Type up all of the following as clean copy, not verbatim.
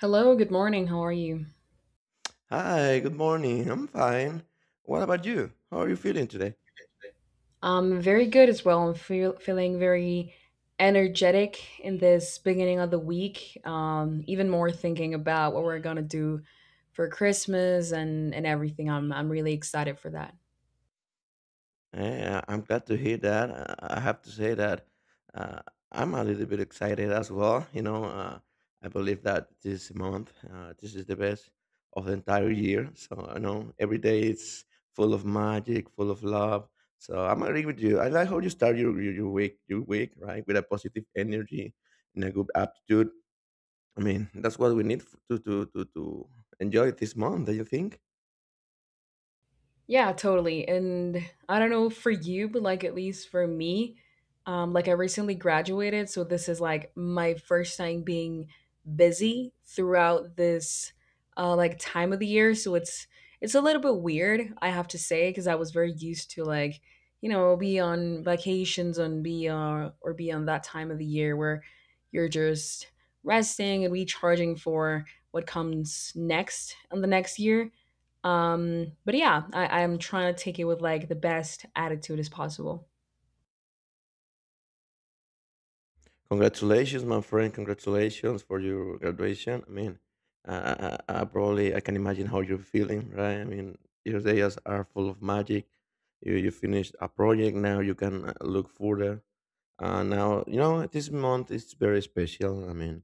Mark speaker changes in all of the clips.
Speaker 1: Hello, good morning. How are you?
Speaker 2: Hi, good morning. I'm fine. What about you? How are you feeling today?
Speaker 1: I'm very good as well. I'm feeling very energetic in this beginning of the week. Even more thinking about what we're gonna do for Christmas and everything. I'm really excited for that.
Speaker 2: I'm glad to hear that. I have to say that uh, I'm a little bit excited as well. You know, I believe that this month, this is the best of the entire year. So I know every day it's full of magic, full of love. So I'm agree with you. I like how you start your week, right, with a positive energy and a good aptitude. I mean, that's what we need to enjoy this month. Do you think?
Speaker 1: Yeah, totally. And I don't know for you, but like at least for me, like I recently graduated, so this is like my first time being busy throughout this like time of the year. So it's a little bit weird, I have to say, because I was very used to like you know be on vacations and be or be on that time of the year where you're just resting and recharging for what comes next in the next year, but yeah, I'm trying to take it with like the best attitude as possible.
Speaker 2: Congratulations, my friend. Congratulations for your graduation. I mean, I probably I can imagine how you're feeling, right? I mean, your days are full of magic. You finished a project now. You can look further now, you know, this month is very special. I mean,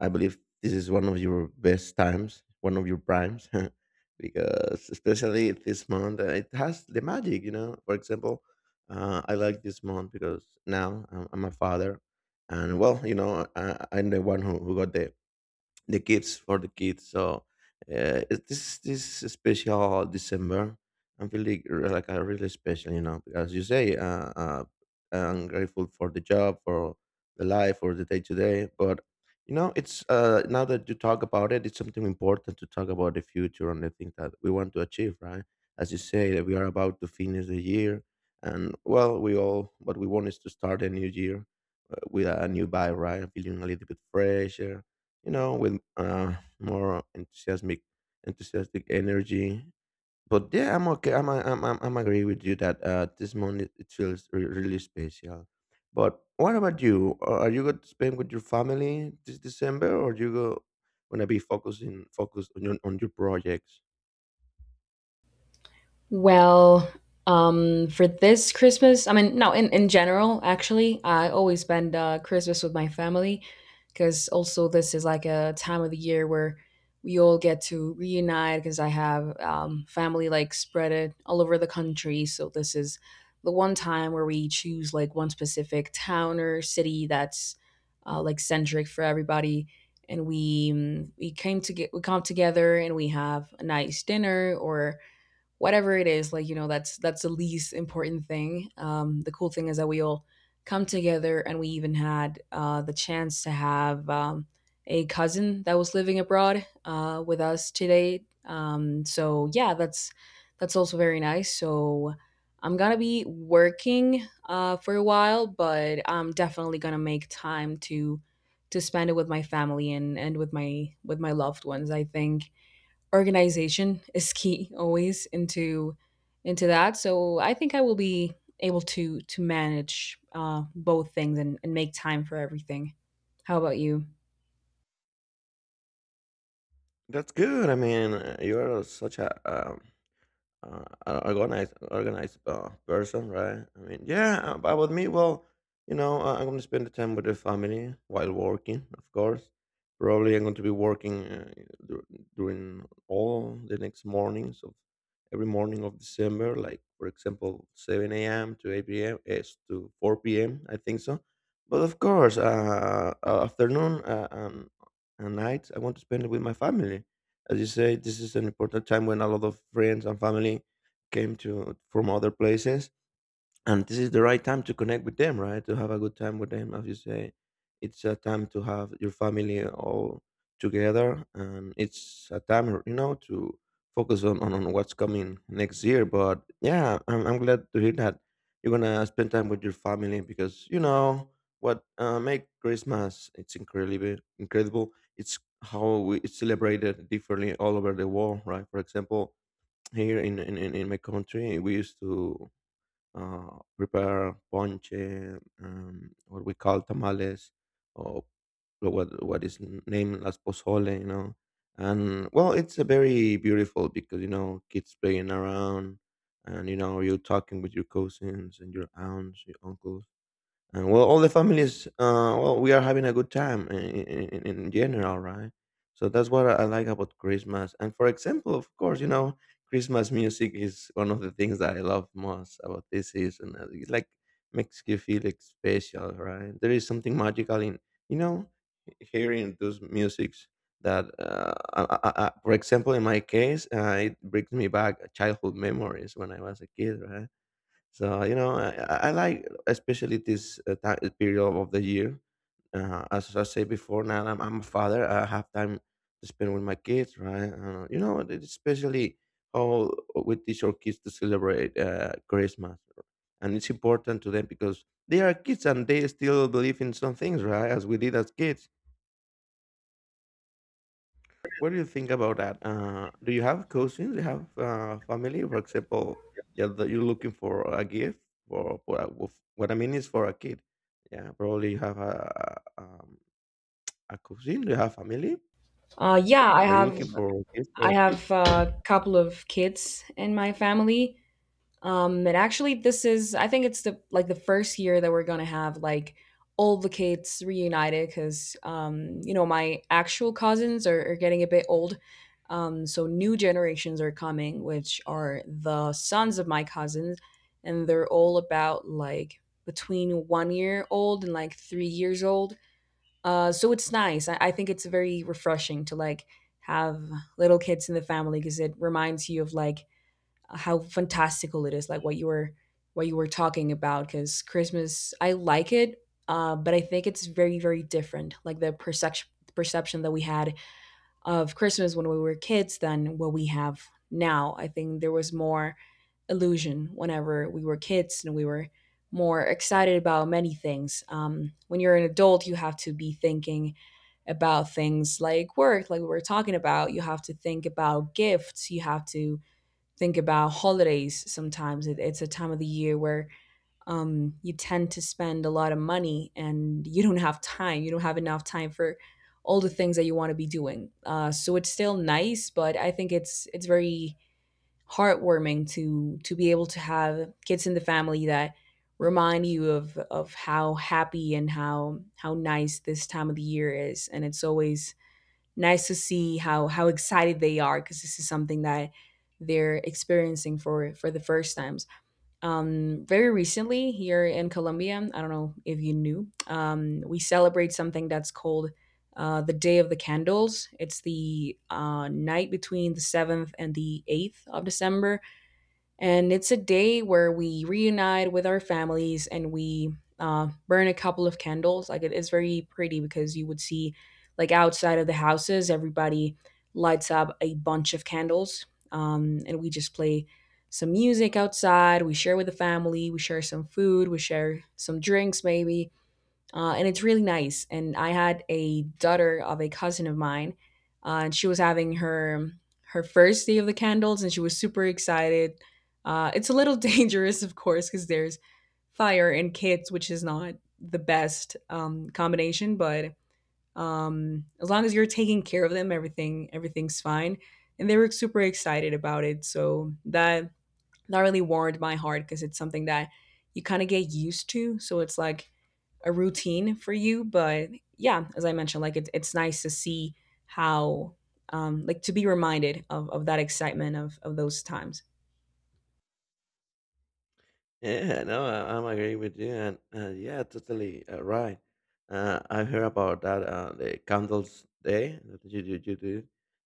Speaker 2: I believe this is one of your best times, one of your primes, because especially this month, it has the magic, you know. For example, I like this month because now I'm a father, and well, you know, I'm the one who got the kids for the kids. So this special December, I'm feeling like a really special, you know, because you say I'm grateful for the job, for the life, for the day to day. But you know, it's now that you talk about it, it's something important to talk about the future and the things that we want to achieve, right? As you say, that we are about to finish the year, and well, we all what we want is to start a new year with a new vibe, right? Feeling a little bit fresher, you know, with more enthusiastic energy. But yeah, I'm okay. I'm agree with you that this month it feels really special. But what about you? Are you going to spend with your family this December, or you go gonna be focusing focused on your projects?
Speaker 1: Well, for this Christmas, I mean, no, in general, actually, I always spend Christmas with my family because also this is like a time of the year where we all get to reunite because I have family like spread it all over the country. So this is the one time where we choose like one specific town or city that's like centric for everybody. And we mm, we came to get we come together and we have a nice dinner or whatever it is, like you know that's the least important thing. The cool thing is that we all come together and we even had the chance to have a cousin that was living abroad with us today. So yeah, that's also very nice. So I'm gonna be working for a while, but I'm definitely gonna make time to spend it with my family and with my loved ones. I think organization is key always into that. So I think I will be able to manage both things, and make time for everything. How about you?
Speaker 2: That's good. I mean, you are such a organized person, right? I mean, yeah, about with me, well, you know, I'm going to spend the time with the family while working, of course. Probably I'm going to be working dur- during all the next mornings of every morning of December, like for example, 7 a.m. to 8 p.m. Yes, to 4 p.m. I think so. But of course, afternoon and nights, I want to spend it with my family as you say, this is an important time when a lot of friends and family came to from other places, and this is the right time to connect with them, right, to have a good time with them. As you say, it's a time to have your family all together, and it's a time, you know, to focus on what's coming next year. But yeah, I'm glad to hear that you're gonna spend time with your family because you know what make Christmas it's incredible. It's how it's celebrated differently all over the world, right? For example, here in my country we used to prepare ponche, what we call tamales, or what is named las pozole, you know. And well, it's a very beautiful because you know kids playing around, and you know you're talking with your cousins and your aunts, your uncles, and well all the families, well we are having a good time in general, right? So that's what I like about Christmas. And for example, of course, you know, Christmas music is one of the things that I love most about this season. It's like makes you feel like special, right? There is something magical in, you know, hearing those musics that I, for example, in my case, it brings me back childhood memories when I was a kid, right? So you know, I like especially this period of the year. As I said before, now I'm a father. I have time to spend with my kids, right? You know, especially how we teach our kids to celebrate Christmas, and it's important to them because they are kids and they still believe in some things, right? As we did as kids. What do you think about that? Do you have cousins? Do you have family, for example, yeah, that you're looking for a gift for what I mean is for a kid. Yeah, probably you have a a cousin. Do you have family?
Speaker 1: Yeah, I
Speaker 2: Are you
Speaker 1: have
Speaker 2: looking for a gift for a kid?
Speaker 1: a couple of kids in my family. And actually, this is, I think it's the like the first year that we're gonna have like all the kids reunited because, you know, my actual cousins are getting a bit old. So new generations are coming, which are the sons of my cousins, and they're all about like between 1 year old and like 3 years old. So it's nice. I think it's very refreshing to like have little kids in the family because it reminds you of like how fantastical it is, like what you were, what you were talking about. Because Christmas I like it, but I think it's very, very different, like the perception, that we had of Christmas when we were kids than what we have now. I think there was more illusion whenever we were kids, and we were more excited about many things. When you're an adult, you have to be thinking about things like work, like we were talking about. You have to think about gifts, you have to think about holidays. Sometimes it's a time of the year where, you tend to spend a lot of money and you don't have time. You don't have enough time for all the things that you want to be doing. So it's still nice, but I think it's very heartwarming to be able to have kids in the family that remind you of how happy and how nice this time of the year is. And it's always nice to see how excited they are, because this is something that they're experiencing for the first times. Very recently here in Colombia, I don't know if you knew, we celebrate something that's called the Day of the Candles. It's the night between the seventh and the 8th of December, and it's a day where we reunite with our families, and we burn a couple of candles. Like, it is very pretty because you would see, like, outside of the houses, everybody lights up a bunch of candles. And we just play some music outside. We share with the family, we share some food, we share some drinks, maybe, and it's really nice. And I had a daughter of a cousin of mine, and she was having her her first day of the candles, and she was super excited. It's a little dangerous, of course, because there's fire and kids, which is not the best combination. But as long as you're taking care of them, everything, everything's fine. And they were super excited about it, so that that really warmed my heart because it's something that you kind of get used to. So it's like a routine for you. But yeah, as I mentioned, like it's nice to see how, like, to be reminded of that excitement of those times.
Speaker 2: Yeah, no, I'm agree with you, and yeah, totally right. I heard about that the candles day that you you do.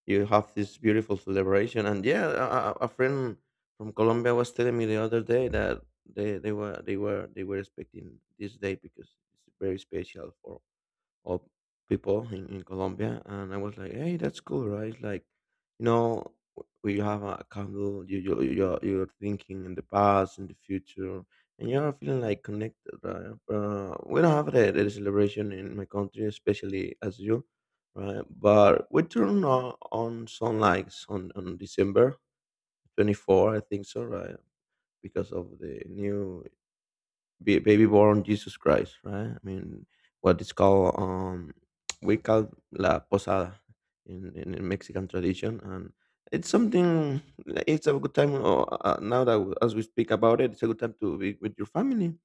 Speaker 2: You have this beautiful celebration, and yeah, a friend from Colombia was telling me the other day that they were expecting this day because it's very special for of people in Colombia, and I was like, "Hey, that's cool, right?" Like, you know, we have a candle. You're thinking in the past, in the future, and you're feeling like connected, right? We don't have the celebration in my country, especially as you, right? But we turn on sunlights on December 24, I think so, right? Because of the new baby born Jesus Christ, right? I mean, what is called we call la posada in Mexican tradition, and it's something. It's a good time. Oh, Now that as we speak about it, it's a good time to be with your family,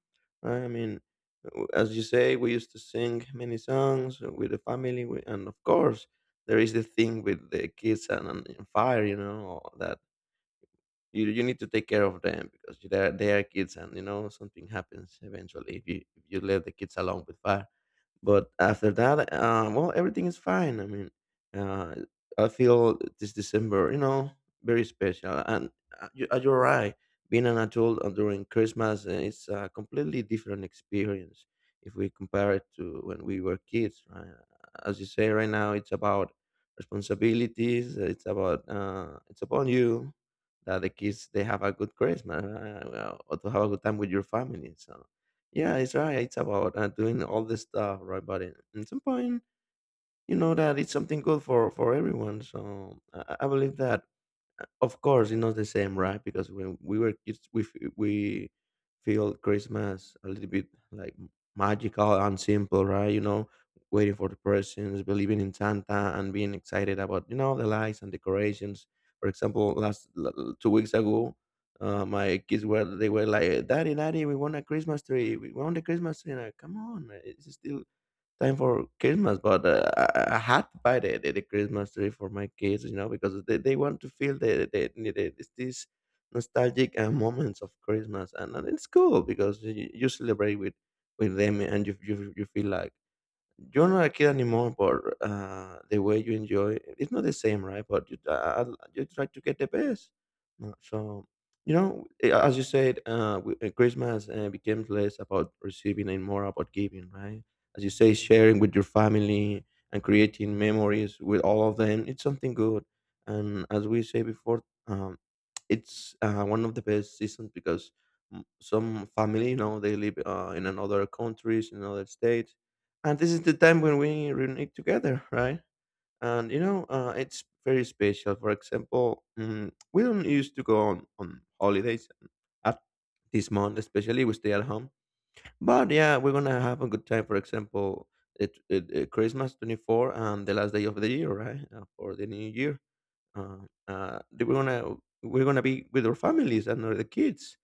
Speaker 2: right? I mean, as you say, we used to sing many songs with the family, and of course, there is the thing with the kids and fire, you know, that you need to take care of them because they are kids and you know something happens eventually if you let the kids alone with fire. But after that, well, everything is fine. I mean, uh, I feel this December, you know, very special. And you're right. Being an adult during Christmas is a completely different experience if we compare it to when we were kids, right? As you say, right now, it's about responsibilities. It's about it's upon you that the kids they have a good Christmas or to have a good time with your family. So yeah, it's right. It's about doing all this stuff, right? But in some point, you know that it's something good for everyone. So I believe that of course, it's not the same, right? Because when we were kids, we feel Christmas a little bit like magical and simple, right? You know, waiting for the presents, believing in Santa, and being excited about you know the lights and decorations. For example, 2 weeks ago, my kids were they were like, "Daddy, Daddy, we want a Christmas tree. We want a Christmas tree." And I, come on, it's still time for Christmas, but I had to buy the Christmas tree for my kids, you know, because they want to feel the this this nostalgic moments of Christmas, and it's cool because you celebrate with them, and you feel like you're not a kid anymore, but the way you enjoy it's not the same, right? But you, you try to get the best. So you know, eh, as you said, we- eh, Christmas becomes less about receiving and more about giving, right? As you say, sharing with your family and creating memories with all of them. It's something good, and as we say before, it's one of the best seasons because some family, you know, they live in another countries, in other states, and this is the time when we reunite together, right? And you know, it's very special. For example, we don't used to go on holidays at this month, especially we stay at home. But yeah, we're gonna have a good time. For example, Christmas 24 and the last day of the year, right? For the New Year uh, they were gonna we're gonna be with our families and our, the kids.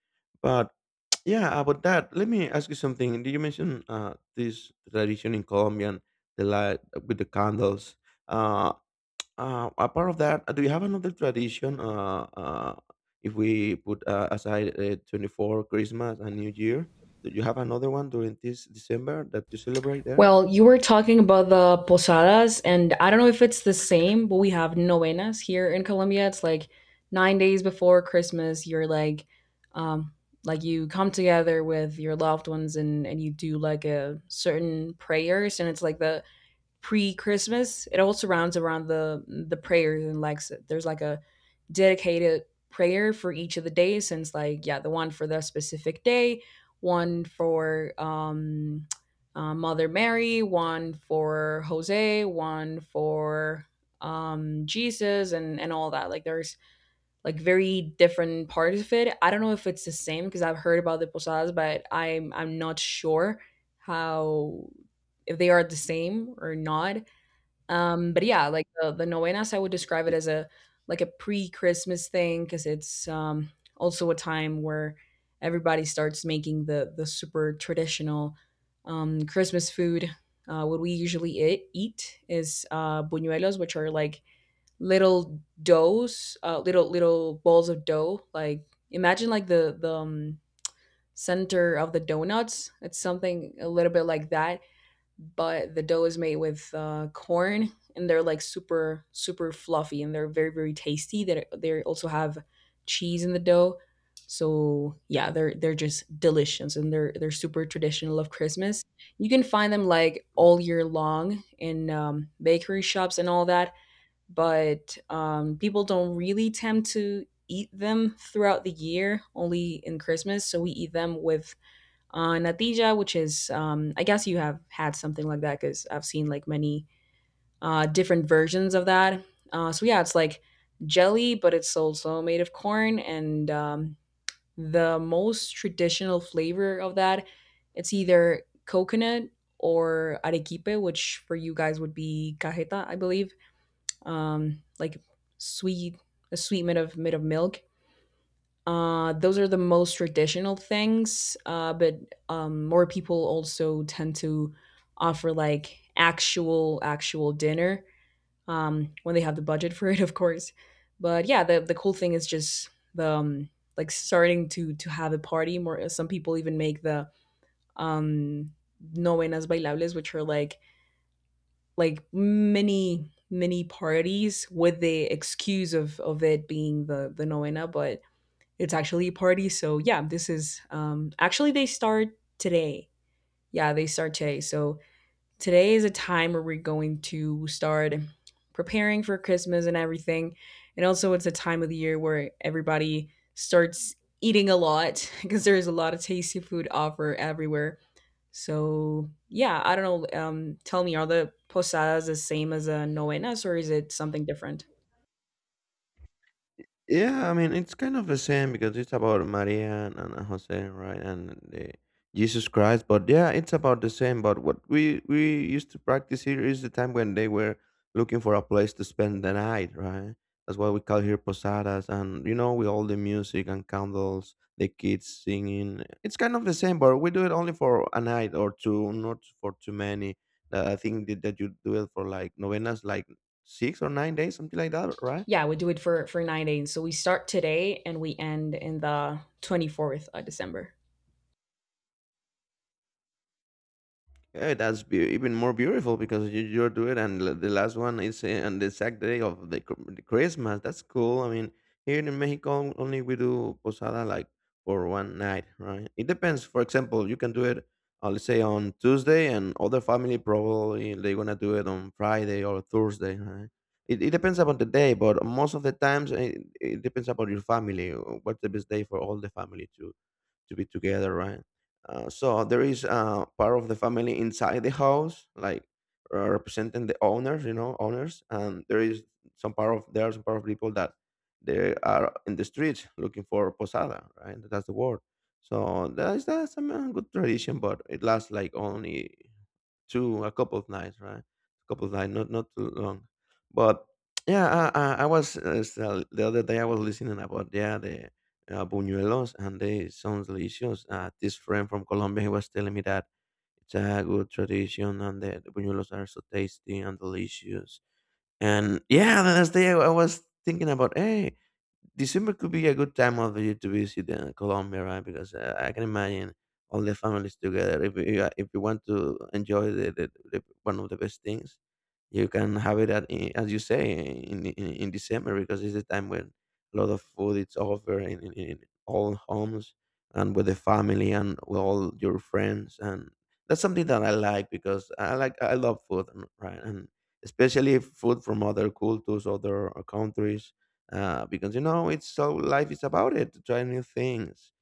Speaker 2: But yeah, about that, let me ask you something. Did you mention this tradition in Colombia and the light with the candles? Uh, Apart of that, do you have another tradition? If we put aside 24 Christmas and New Year, do you have another one during this December that you celebrate there?
Speaker 1: Well, you were talking about the posadas, and I don't know if it's the same, but we have novenas here in Colombia. It's like 9 days before Christmas. You're um, like you come together with your loved ones, and you do like a certain prayers, and it's like the pre-Christmas. It all surrounds around the prayers, and like there's like a dedicated prayer for each of the days. Since like, yeah, the one for the specific day, one for Mother Mary, one for Jose, one for Jesus and all that. Like, there's like very different parts of it. I don't know if it's the same because I've heard about the posadas, but I'm not sure how, if they are the same or not. But yeah, like the novenas, I would describe it as a like a pre-Christmas thing because it's, also a time where everybody starts making the super traditional Christmas food. What we usually eat is buñuelos, which are like little doughs, little little balls of dough. Like, imagine like the center of the donuts. It's something a little bit like that, but the dough is made with corn, and they're like super super fluffy, and they're very very tasty. That they also have cheese in the dough. So yeah, they're just delicious, and they're super traditional of Christmas. You can find them like all year long in bakery shops and all that, but people don't really tend to eat them throughout the year, only in Christmas. So we eat them with natija, which is, I guess you have had something like that because I've seen like many different versions of that. So yeah, it's like jelly, but it's also made of corn, and the most traditional flavor of that, it's either coconut or arequipe, which for you guys would be cajeta, I believe, like sweet, a sweet bit of milk. Those are the most traditional things, but more people also tend to offer like actual dinner when they have the budget for it, of course. But yeah, the cool thing is just the like starting to have a party. More, some people even make the um, novenas bailables, which are like mini mini parties with the excuse of it being the novena, but it's actually a party. So yeah, this is, actually they start today. Yeah, they start today. So today is a time where we're going to start preparing for Christmas and everything. And also, it's a time of the year where everybody starts eating a lot because there is a lot of tasty food offer everywhere. So yeah, I don't know. Tell me, are the posadas the same as a novenas, or is it something different?
Speaker 2: Yeah, I mean, it's kind of the same because it's about Maria and, Jose, right? And the Jesus Christ. But yeah, it's about the same. But what we used to practice here is the time when they were looking for a place to spend the night, right? That's why we call here posadas. And, you know, with all the music and candles, the kids singing. It's kind of the same, but we do it only for a night or two, not for too many. I think that you do it for like novenas, like 6 or 9 days, something like that, right?
Speaker 1: Yeah, we do it for 9 days. So we start today and we end in the 24th of December.
Speaker 2: Yeah, even more beautiful because you're doing it, and the last one is on the exact day of the Christmas. That's cool. I mean, here in Mexico, only we do posada like for one night, right? It depends. For example, you can do it, let's say on Tuesday, and other family probably they're gonna do it on Friday or Thursday, right? It depends upon the day, but most of the times it depends upon your family. What's the best day for all the family to be together, right? So there is part of the family inside the house, like representing the owners, you know, owners, and there are some part of people that they are in the streets looking for posada, right? That's the word. So that's a man, good tradition, but it lasts like only two, a couple of nights, right? A couple of nights, not too long. But yeah, I was so the other day I was listening about yeah the buñuelos and they sounds delicious. This friend from Colombia he was telling me that it's a good tradition and the buñuelos are so tasty and delicious. And yeah, the next day I was thinking about hey. December could be a good time of year to visit Colombia, right? Because I can imagine all the families together. If you want to enjoy the one of the best things, you can have it as you say in December because it's the time when a lot of food is offered in all homes and with the family and with all your friends and that's something that I like because I love right and especially food from other cultures, other countries because you know it's so life is about it to try new things.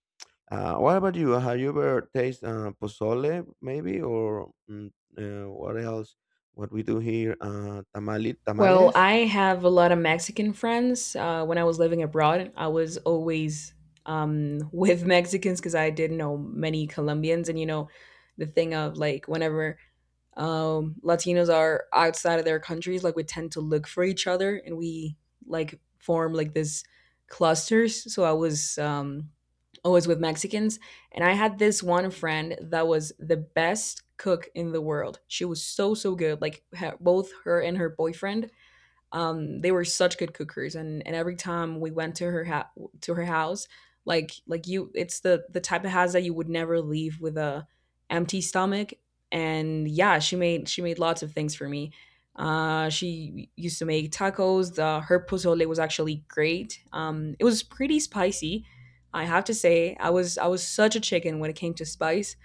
Speaker 2: What about you? Have you ever tasted pozole, maybe, or what else? What we do here, tamali,
Speaker 1: Well,
Speaker 2: tamales?
Speaker 1: I have a lot of Mexican friends. When I was living abroad, I was always with Mexicans because I didn't know many Colombians. And you know, the thing of like whenever, Latinos are outside of their countries, like we tend to look for each other, and we like form like this clusters. So I was, always with Mexicans, and I had this one friend that was the best cook in the world. She was so so good. Like, both her and her boyfriend, they were such good cookers, and every time we went to her to her house, like you, it's the type of house that you would never leave with a empty stomach. And yeah, she made lots of things for me. She used to make tacos. Her pozole was actually great. It was pretty spicy. I have to say, I was such a chicken when it came to spice.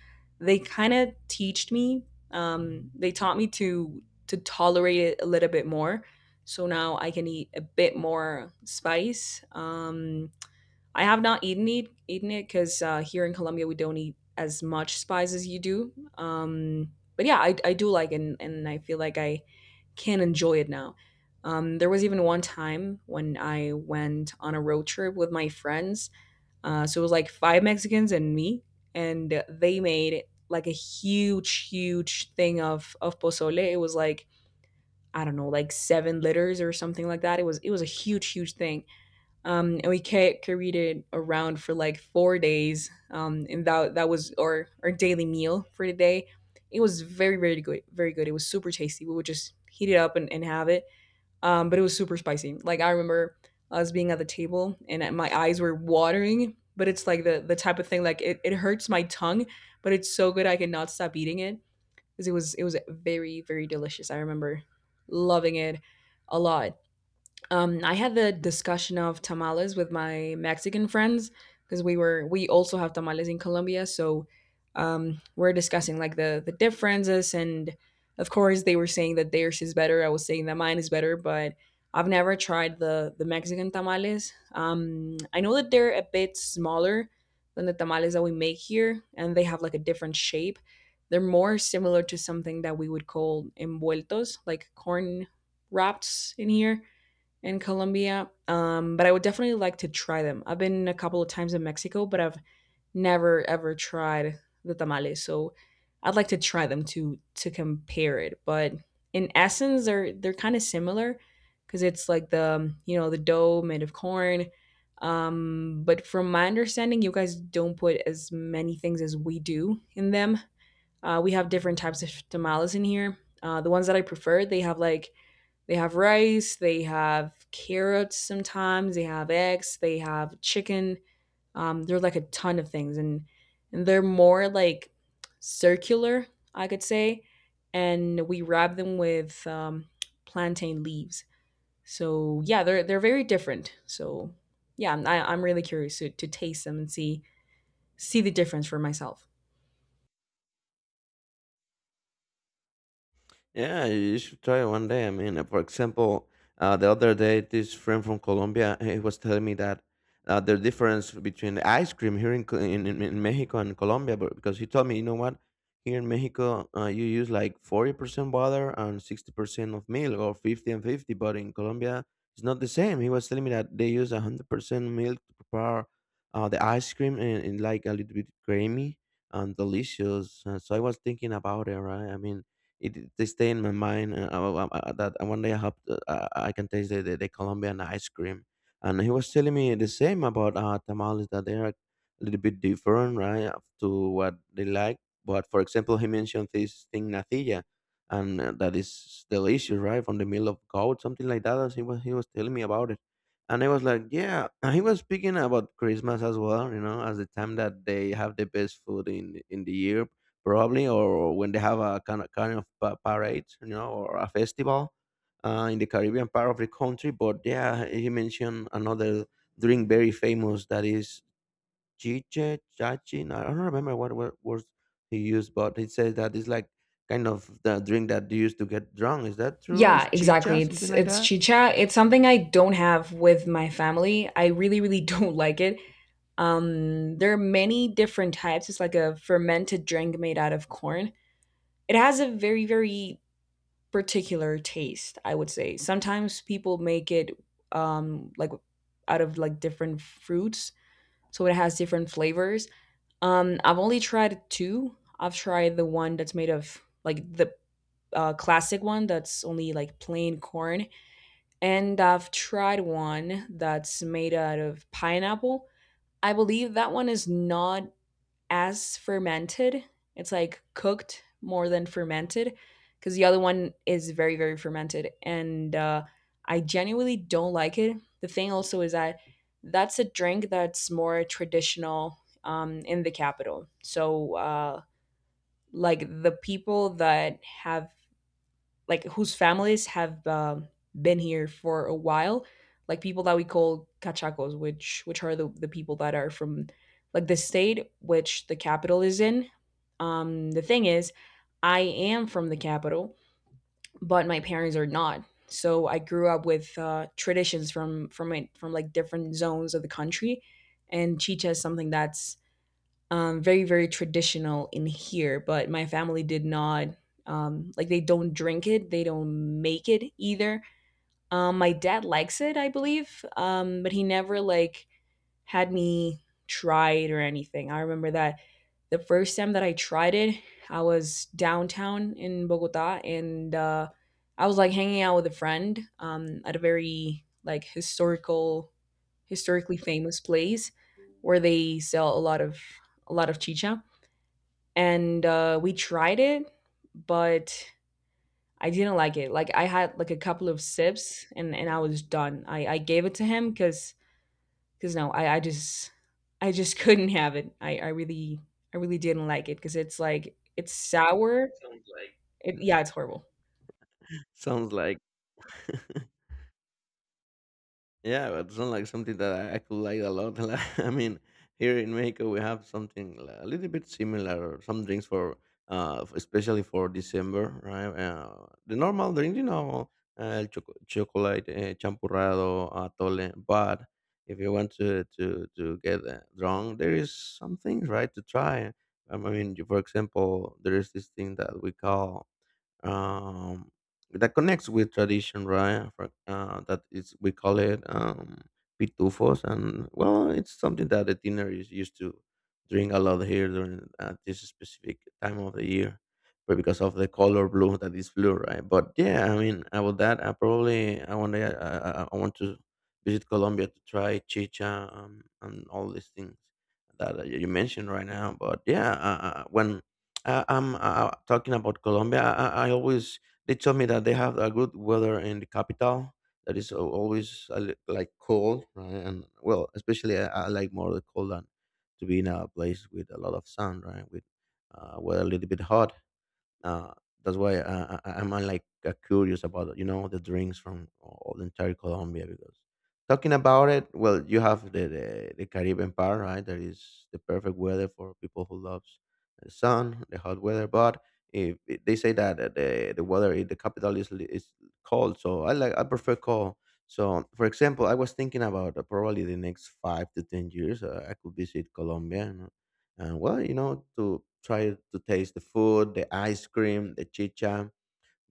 Speaker 1: They kind of teached me. They taught me to tolerate it a little bit more, so now I can eat a bit more spice. I have not eaten it because here in Colombia we don't eat as much spice as you do. But yeah, I do like it, and I feel like I can enjoy it now. There was even one time when I went on a road trip with my friends. So it was like five Mexicans and me, and they made like a huge, huge thing of pozole. It was like, I don't know, like 7 litters or something like that. It was a huge, huge thing. And we carried it around for like 4 days. And that was our daily meal for the day. It was very, very good, very good. It was super tasty. We would just heat it up and have it. But it was super spicy. Like I remember us being at the table and my eyes were watering. But it's like the type of thing like it hurts my tongue, but it's so good I cannot stop eating it because it was very very delicious. I remember loving it a lot. I had the discussion of tamales with my Mexican friends because we also have tamales in Colombia, so we're discussing like the differences, and of course they were saying that theirs is better. I was saying that mine is better, but I've never tried the Mexican tamales. I know that they're a bit smaller than the tamales that we make here, and they have like a different shape. They're more similar to something that we would call envueltos, like corn wraps in here in Colombia. But I would definitely like to try them. I've been a couple of times in Mexico, but I've never ever tried the tamales. So I'd like to try them to compare it. But in essence, they're kind of similar because it's like the the dough made of corn. But from my understanding, you guys don't put as many things as we do in them. We have different types of tamales in here. The ones that I prefer, they have like they have rice, they have carrots sometimes, they have eggs, they have chicken. There are like a ton of things, and they're more like circular, I could say. And we wrap them with plantain leaves. So yeah, they're very different. So yeah, I am really curious to taste them and see the difference for myself.
Speaker 2: Yeah, you should try it one day. I mean, for example, the other day, this friend from Colombia he was telling me that the difference between the ice cream here in, Co- in Mexico and Colombia, but because he told me, you know what, here in Mexico, you use like 40% water and 60% of milk or 50 and 50, but in Colombia, it's not the same. He was telling me that they use 100% milk to prepare the ice cream and like a little bit creamy and delicious. So I was thinking about it, right? I mean, they stay in my mind that one day I hope I can taste the Colombian ice cream. And he was telling me the same about tamales that they are a little bit different, right, up to what they like. But for example, he mentioned this thing natilla, and that is delicious, right, from the meal of goat, something like that. As he was He was telling me about it, and I was like, yeah. And he was speaking about Christmas as well, you know, as the time that they have the best food in the year probably, or when they have a kind of parade, you know, or a festival in the Caribbean part of the country. But yeah, he mentioned another drink very famous that is chiche, chachin. I don't remember what words he used, but he says that it's like kind of the drink that you used to get drunk. Is that true?
Speaker 1: Yeah,
Speaker 2: Is
Speaker 1: exactly.
Speaker 2: chicha
Speaker 1: It's
Speaker 2: something like
Speaker 1: it's
Speaker 2: that?
Speaker 1: chicha. It's something I don't have with my family. I really really don't like it. There are many different types. It's like a fermented drink made out of corn. It has a very, very particular taste, I would say. Sometimes people make it um, like out of like different fruits, so it has different flavors. I've only tried two. I've tried the one that's made of like the classic one that's only like plain corn, and I've tried one that's made out of pineapple. I believe that one is not as fermented. It's like cooked more than fermented because the other one is very, very fermented. And I genuinely don't like it. The thing also is that that's a drink that's more traditional in the capital. So, like the people that have like whose families have been here for a while, like people that we call cachacos, which are the people that are from like the state which the capital is in. The thing is, I am from the capital, but my parents are not. So I grew up with traditions from it, from like different zones of the country, and chicha is something that's very very traditional in here, but my family did not like, they don't drink it, they don't make it either. My dad likes it, I believe. But he never like had me try it or anything. I remember that the first time that I tried it, I was downtown in Bogota, and I was like hanging out with a friend at a very like historical, historically famous place where they sell a lot of chicha. And we tried it, but I didn't like it. Like I had like a couple of sips and I was done. I gave it to him because no, I just I just couldn't have it. I really I really didn't like it because it's like it's sour. It, yeah, it's horrible.
Speaker 2: Sounds like. Yeah, but it's not like something that I could like a lot. Like, I mean, here in Mexico we have something a little bit similar. Or Some drinks for, especially for December, right? The normal drink, you know, chocolate, champurrado, atole. But if you want to get drunk, there is some things, right, to try. I mean, for example, there is this thing that we call um, that connects with tradition, right? That is we call it pitufos, and well, it's something that the teenagers used to drink a lot here during at this specific time of the year, but because of the color blue that is blue, right? But yeah, I mean, about that, I want to I want to visit Colombia to try chicha and all these things that you mentioned right now. But yeah, when I'm talking about Colombia. I always they told me that they have a good weather in the capital that is always a like cold, right? And well, especially I like more the cold than to be in a place with a lot of sun, right? With weather a little bit hot. Uh, that's why I'm like curious about you know the drinks from all the entire Colombia because talking about it, well, you have the Caribbean part, right? That is the perfect weather for people who loves the sun, the hot weather. But if it- they say that the weather in the capital is cold, so I prefer cold. So, for example, I was thinking about probably the next 5 to 10 years I could visit Colombia. And well, you know, to try to taste the food, the ice cream, the chicha,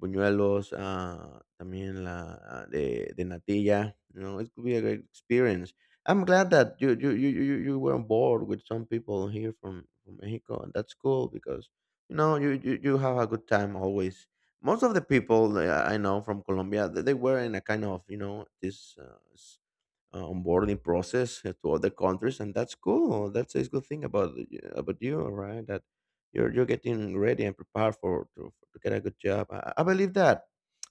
Speaker 2: buñuelos, también la the natilla. You know, it could be a great experience. I'm glad that you were on board with some people here from Mexico, and that's cool because you know you have a good time always. Most of the people that I know from Colombia, they were in a kind of you know this onboarding process to other countries, and that's cool. That's a good thing about about you, right? That you're getting ready and prepared for to get a good job. I believe that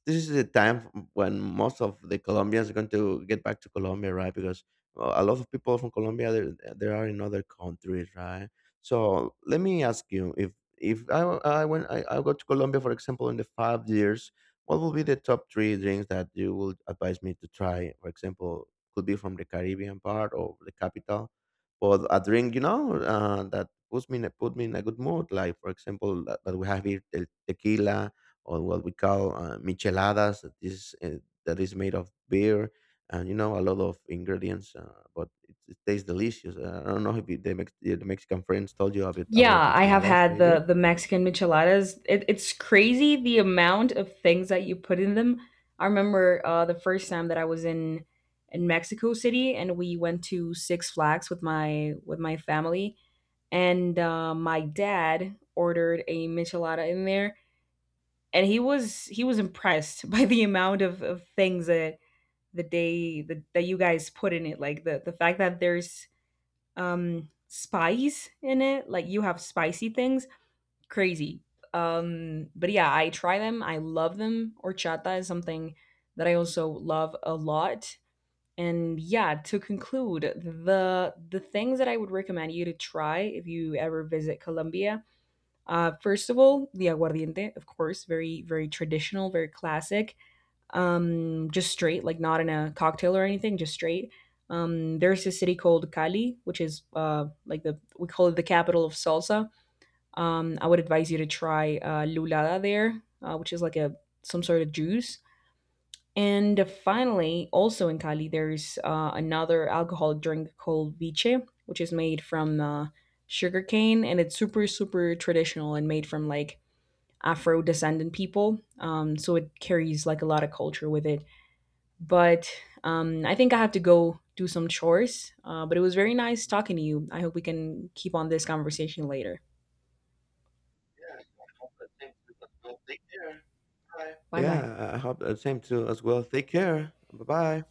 Speaker 2: this is the time when most of the Colombians are going to get back to Colombia, right? Because a lot of people from Colombia there are in other countries, right? So let me ask you if I, I when I go to Colombia, for example, in the 5 years, what will be the top three drinks that you would advise me to try? For example, could be from the Caribbean part or the capital. But a drink, you know, that put me in a good mood. Like for example, that we have here the tequila or what we call micheladas. That is made of beer and you know a lot of ingredients, but it tastes delicious. I don't know if the Mexican friends told you a bit about
Speaker 1: Yeah, I have
Speaker 2: micheladas,
Speaker 1: had
Speaker 2: maybe.
Speaker 1: the Mexican micheladas. It's crazy the amount of things that you put in them. I remember the first time that I was in Mexico City and we went to Six Flags with my family and my dad ordered a michelada in there, and he was impressed by the amount of things that that you guys put in it, like the fact that there's spice in it, like you have spicy things, crazy. But yeah, I try them, I love them. Horchata is something that I also love a lot. And yeah, to conclude, the things that I would recommend you to try if you ever visit Colombia: first of all, the aguardiente, of course, very very traditional, very classic. Just straight, like not in a cocktail or anything, just straight. There's a city called Cali, which is like, the we call it the capital of salsa. I would advise you to try lulada there, which is like a some sort of juice. And finally, also in Cali, there's another alcoholic drink called viche, which is made from sugarcane, and it's super super traditional and made from like Afro descendant people. So it carries like a lot of culture with it. But I think I have to go do some chores. But it was very nice talking to you. I hope we can keep on this conversation later. Bye bye.
Speaker 2: Yeah, I hope the same too as well. Take care. Bye bye.